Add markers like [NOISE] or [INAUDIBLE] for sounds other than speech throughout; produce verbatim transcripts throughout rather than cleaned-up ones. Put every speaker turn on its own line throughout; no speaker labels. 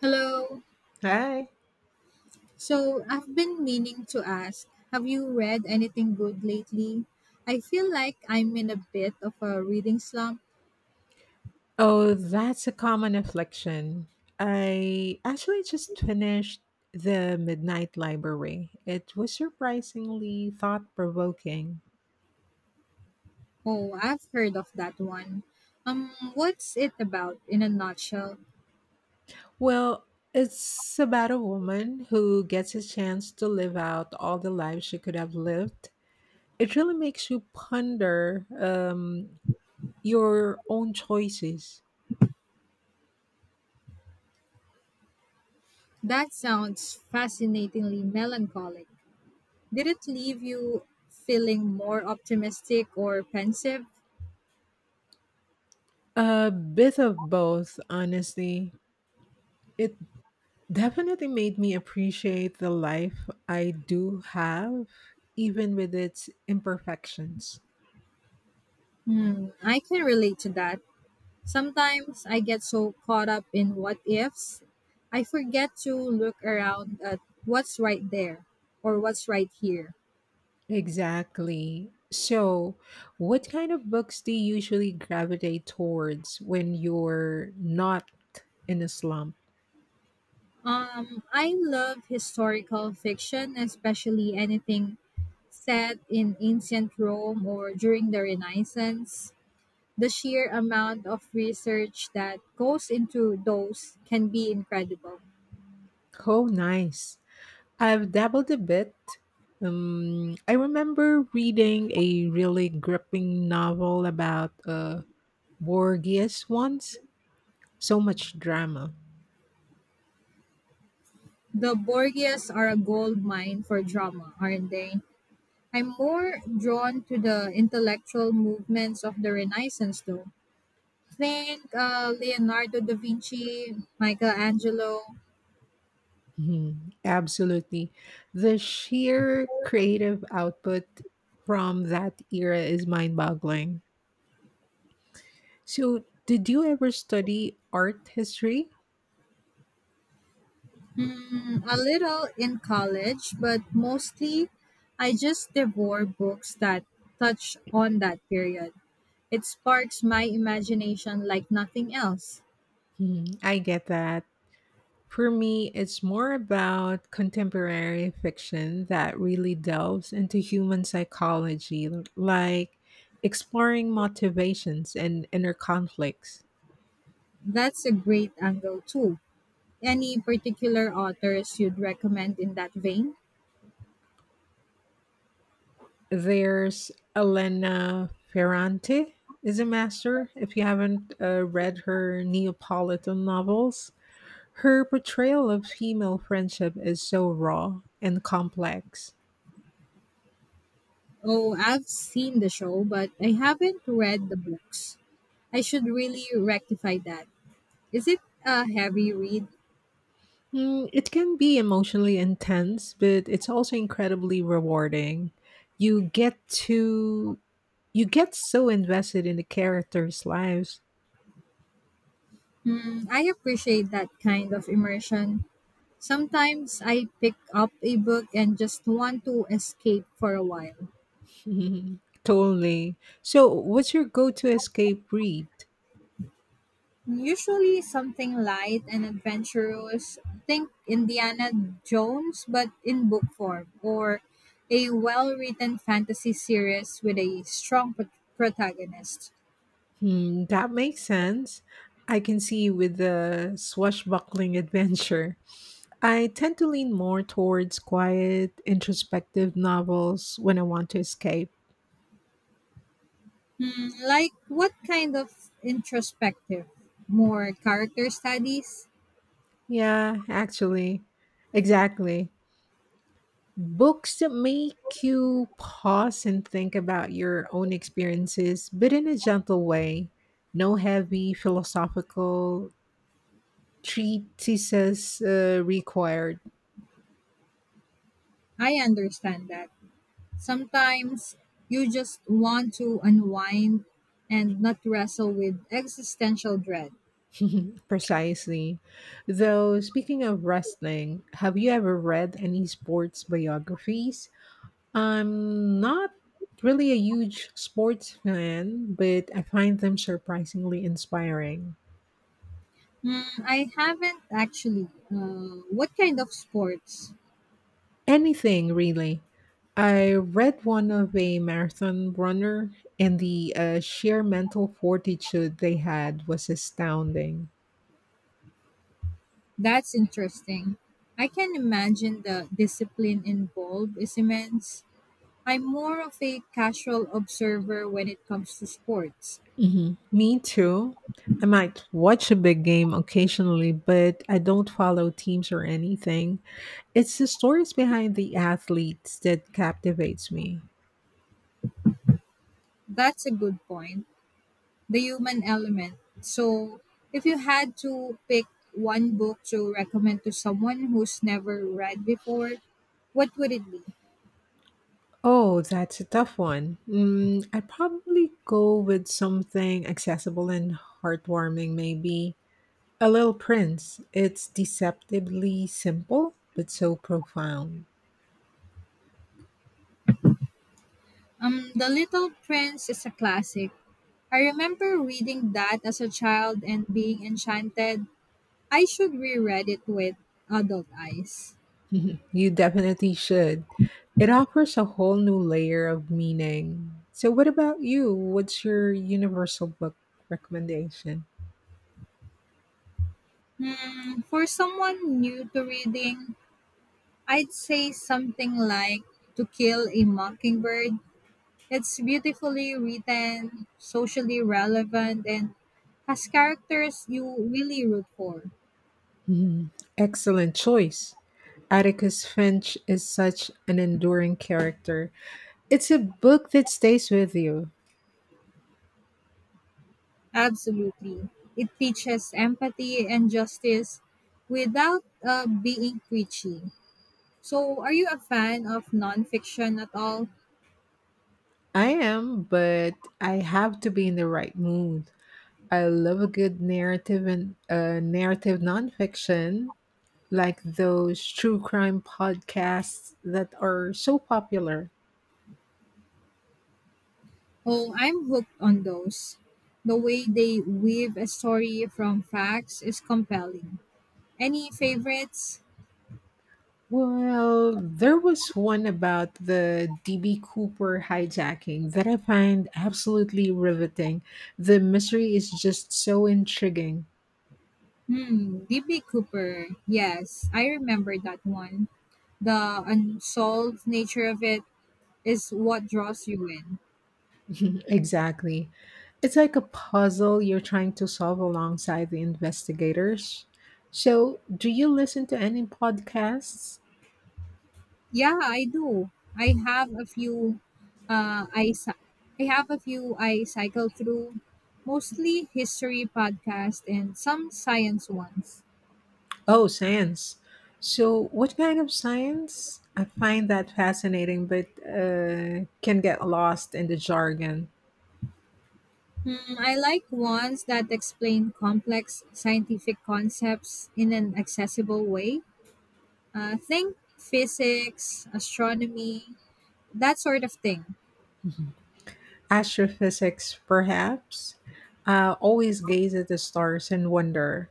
Hello.
Hi.
So I've been meaning to ask, have you read anything good lately? I feel like I'm in a bit of a reading slump.
Oh, that's a common affliction. I actually just finished The Midnight Library. It was surprisingly thought provoking.
Oh, I've heard of that one. Um, what's it about in a nutshell?
Well, it's about a woman who gets a chance to live out all the lives she could have lived. It really makes you ponder um, your own choices.
That sounds fascinatingly melancholic. Did it leave you feeling more optimistic or pensive?
A bit of both, honestly. It definitely made me appreciate the life I do have, even with its imperfections.
Hmm, I can relate to that. Sometimes I get so caught up in what ifs, I forget to look around at what's right there or what's right here.
Exactly. So, what kind of books do you usually gravitate towards when you're not in a slump?
Um, I love historical fiction, especially anything set in ancient Rome or during the Renaissance. The sheer amount of research that goes into those can be incredible.
Oh, nice. I've dabbled a bit. Um, I remember reading a really gripping novel about uh, Borgias once. So much drama.
The Borgias are a gold mine for drama, aren't they? I'm more drawn to the intellectual movements of the Renaissance, though. Think uh, Leonardo da Vinci, Michelangelo,
Mhm. Absolutely. The sheer creative output from that era is mind boggling. So, did you ever study art history?
mm, a little in college, but mostly I just devour books that touch on that period. It sparks my imagination like nothing else.
Mhm. I get that. For me, it's more about contemporary fiction that really delves into human psychology, like exploring motivations and inner conflicts.
That's a great angle, too. Any particular authors you'd recommend in that vein?
There's Elena Ferrante is a master. If you haven't uh, read her Neapolitan novels, her portrayal of female friendship is so raw and complex.
Oh, I've seen the show, but I haven't read the books. I should really rectify that. Is it a heavy read?
Mm, it can be emotionally intense, but it's also incredibly rewarding. You get to you get so invested in the characters' lives.
Hmm, I appreciate that kind of immersion. Sometimes I pick up a book and just want to escape for a while.
[LAUGHS] totally. So, what's your go-to escape read?
Usually something light and adventurous. Think Indiana Jones, but in book form, or a well written fantasy series with a strong pro- protagonist.
Hmm, that makes sense. I can see with the swashbuckling [LAUGHS] adventure. I tend to lean more towards quiet, introspective novels when I want to escape.
Hmm, like what kind of introspective? More character studies?
Yeah, actually. Exactly. Books that make you pause and think about your own experiences, but in a gentle way. No heavy philosophical treatises uh, required.
I understand that. Sometimes you just want to unwind and not wrestle with existential dread.
Precisely. Though, speaking of wrestling, have you ever read any sports biographies? I'm not really a huge sports fan, but I find them surprisingly inspiring.
Hmm, I haven't actually. Uh, what kind of sports?
Anything, really. I read one of a marathon runner, and the uh, sheer mental fortitude they had was astounding.
That's interesting. I can imagine the discipline involved is immense. I'm more of a casual observer when it comes to sports.
hmm Me too. I might watch a big game occasionally, but I don't follow teams or anything. It's the stories behind the athletes that captivates me.
That's a good point. The human element. So, if you had to pick one book to recommend to someone who's never read before, what would it be?
Oh, that's a tough one. Mm, I'd probably go with something accessible and heartwarming, maybe. A Little Prince. It's deceptively simple, but so profound.
Um, The Little Prince is a classic. I remember reading that as a child and being enchanted. I should reread it with adult eyes.
Mhm. You definitely should. It offers a whole new layer of meaning. So, what about you? What's your universal book recommendation?
Hmm, for someone new to reading, I'd say something like To Kill a Mockingbird. It's beautifully written, socially relevant, and has characters you really root for.
Mhm. Excellent choice. Atticus Finch is such an enduring character. It's a book that stays with you.
Absolutely. It teaches empathy and justice without uh, being preachy. So, are you a fan of nonfiction at all?
I am, but I have to be in the right mood. I love a good narrative and uh, narrative nonfiction like those true crime podcasts that are so popular.
Oh, I'm hooked on those. The way they weave a story from facts is compelling. Any favorites?
Well, there was one about the D B Cooper hijacking that I find absolutely riveting. The mystery is just so intriguing.
Hmm, D B. Cooper. Yes, I remember that one. The unsolved nature of it is what draws you in.
Exactly. It's like a puzzle you're trying to solve alongside the investigators. So, do you listen to any podcasts?
Yeah, I do. I have a few. Uh, I cy- I have a few I cycle through, mostly history podcasts and some science ones.
Oh, science. So, what kind of science? I find that fascinating, but uh, can get lost in the jargon.
Hmm, I like ones that explain complex scientific concepts in an accessible way. Uh, think physics, astronomy, that sort of thing.
Astrophysics, perhaps. I always gaze at the stars and wonder.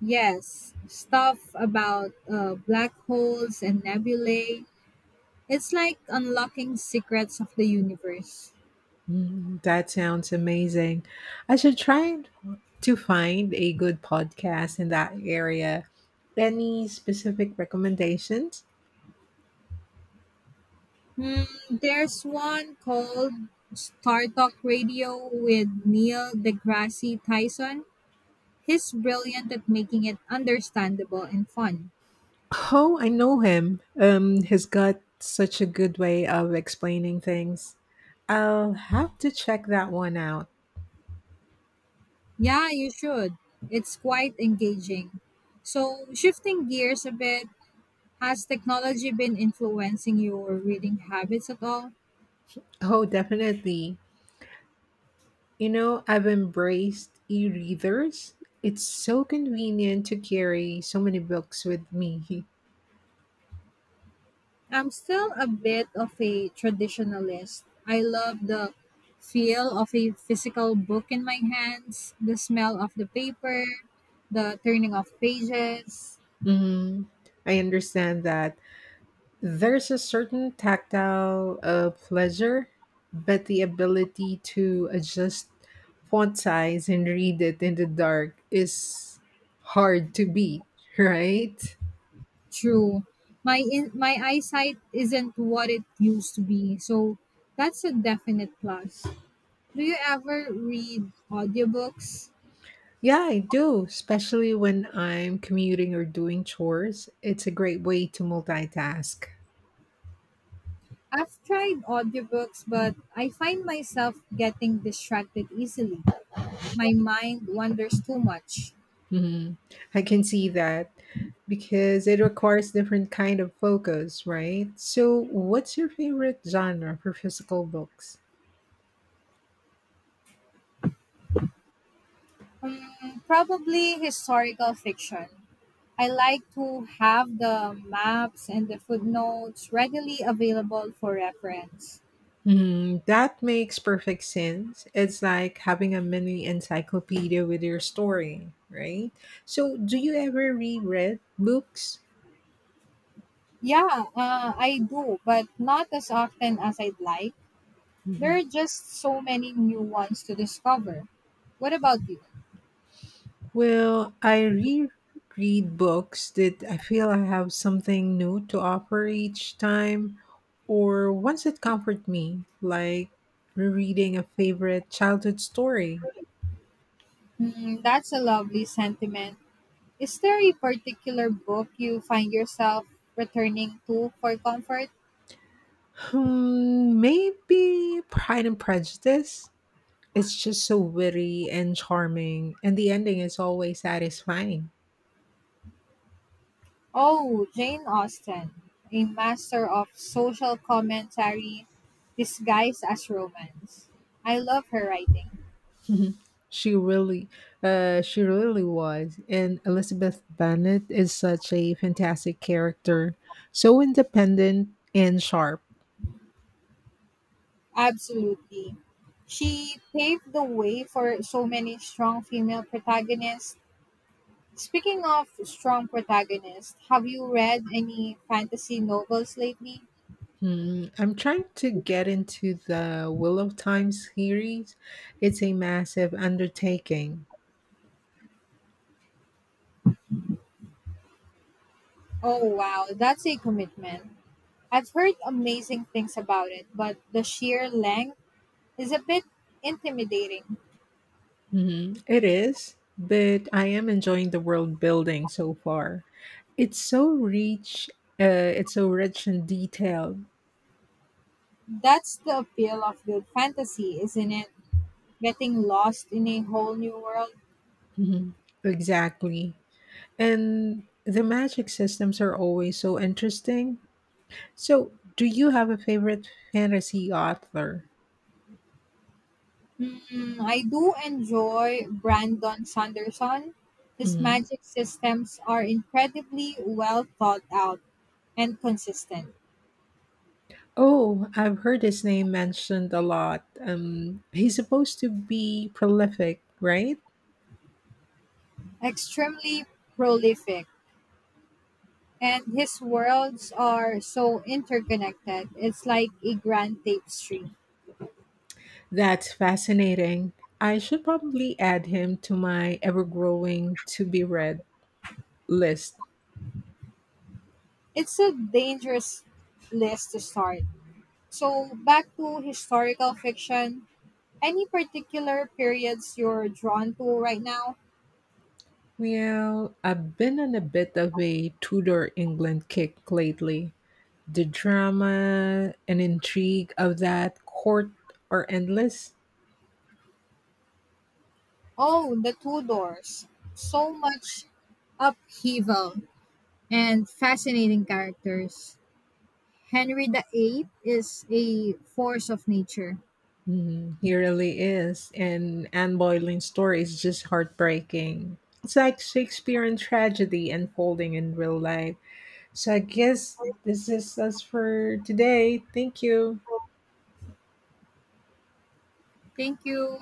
Yes, stuff about uh, black holes and nebulae. It's like unlocking secrets of the universe.
Mm, that sounds amazing. I should try to find a good podcast in that area. Any specific recommendations?
Hmm, there's one called Star Talk Radio with Neil deGrasse Tyson. He's brilliant at making it understandable and fun.
Oh, I know him. Um, he's got such a good way of explaining things. I'll have to check that one out.
Yeah, you should. It's quite engaging. So, shifting gears a bit, has technology been influencing your reading habits at all?
Oh, definitely. You know, I've embraced e-readers. It's so convenient to carry so many books with me. [LAUGHS]
I'm still a bit of a traditionalist. I love the feel of a physical book in my hands, the smell of the paper, the turning of pages.
hmm I understand that. There's a certain tactile uh, pleasure, but the ability to adjust font size and read it in the dark is hard to beat, [LAUGHS] right?
True. My in, my eyesight isn't what it used to be, so that's a definite plus. Do you ever read audiobooks?
Yeah, I do, especially when I'm commuting or doing chores. It's a great way to multitask.
I've tried audiobooks, but I find myself getting distracted easily. My mind wanders too much.
Mhm. I can see that because it requires different kind of focus, right? So, what's your favorite genre for physical books?
Mm, probably historical fiction. I like to have the maps and the footnotes readily available for reference.
Mhm, that makes perfect sense. It's like having a mini encyclopedia with your story, right? So, do you ever reread books?
Yeah, uh, I do, but not as often as I'd like. There
Mhm.
are just so many new ones to discover. What about you?
Well, I reread books that I feel I have something new to offer each time, or ones that comfort me, like rereading a favorite childhood story.
Mm, that's a lovely sentiment. Is there a particular book you find yourself returning to for comfort?
Hmm, maybe Pride and Prejudice. It's just so witty and charming, and the ending is always satisfying.
Oh, Jane Austen, a master of social commentary disguised as romance. I love her writing.
[LAUGHS] she really, uh, she really was. And Elizabeth Bennet is such a fantastic character, so independent and sharp.
Absolutely. She paved the way for so many strong female protagonists. Speaking of strong protagonists, have you read any fantasy novels lately?
Hmm, I'm trying to get into the Will of Time series. It's a massive undertaking.
Oh, wow, that's a commitment. I've heard amazing things about it, but the sheer length is a bit intimidating.
Mhm. It is, but I am enjoying the world building so far. It's so rich. Uh, it's so rich in detail.
That's the appeal of good fantasy, isn't it? Getting lost in a whole new world.
Mhm. Exactly, and the magic systems are always so interesting. So, do you have a favorite fantasy author?
Hmm, I do enjoy Brandon Sanderson. His
Mhm.
magic systems are incredibly well thought out and consistent,
Oh, I've heard his name mentioned a lot. Um, he's supposed to be prolific, right?
extremely prolific, and his worlds are so interconnected. It's like a grand tapestry.
That's fascinating. I should probably add him to my ever growing to be read list.
It's a dangerous list to start. So, back to historical fiction. Any particular periods you're drawn to right now?
Well, I've been on a bit of a Tudor England kick lately. The drama and intrigue of that court are endless.
Oh, the Tudors. So much upheaval and fascinating characters. Henry the Eighth is a force of nature.
Mhm, he really is. And Anne Boleyn's story is just heartbreaking. It's like Shakespearean tragedy unfolding in real life. So I guess this is us for today. Thank you.
Thank you.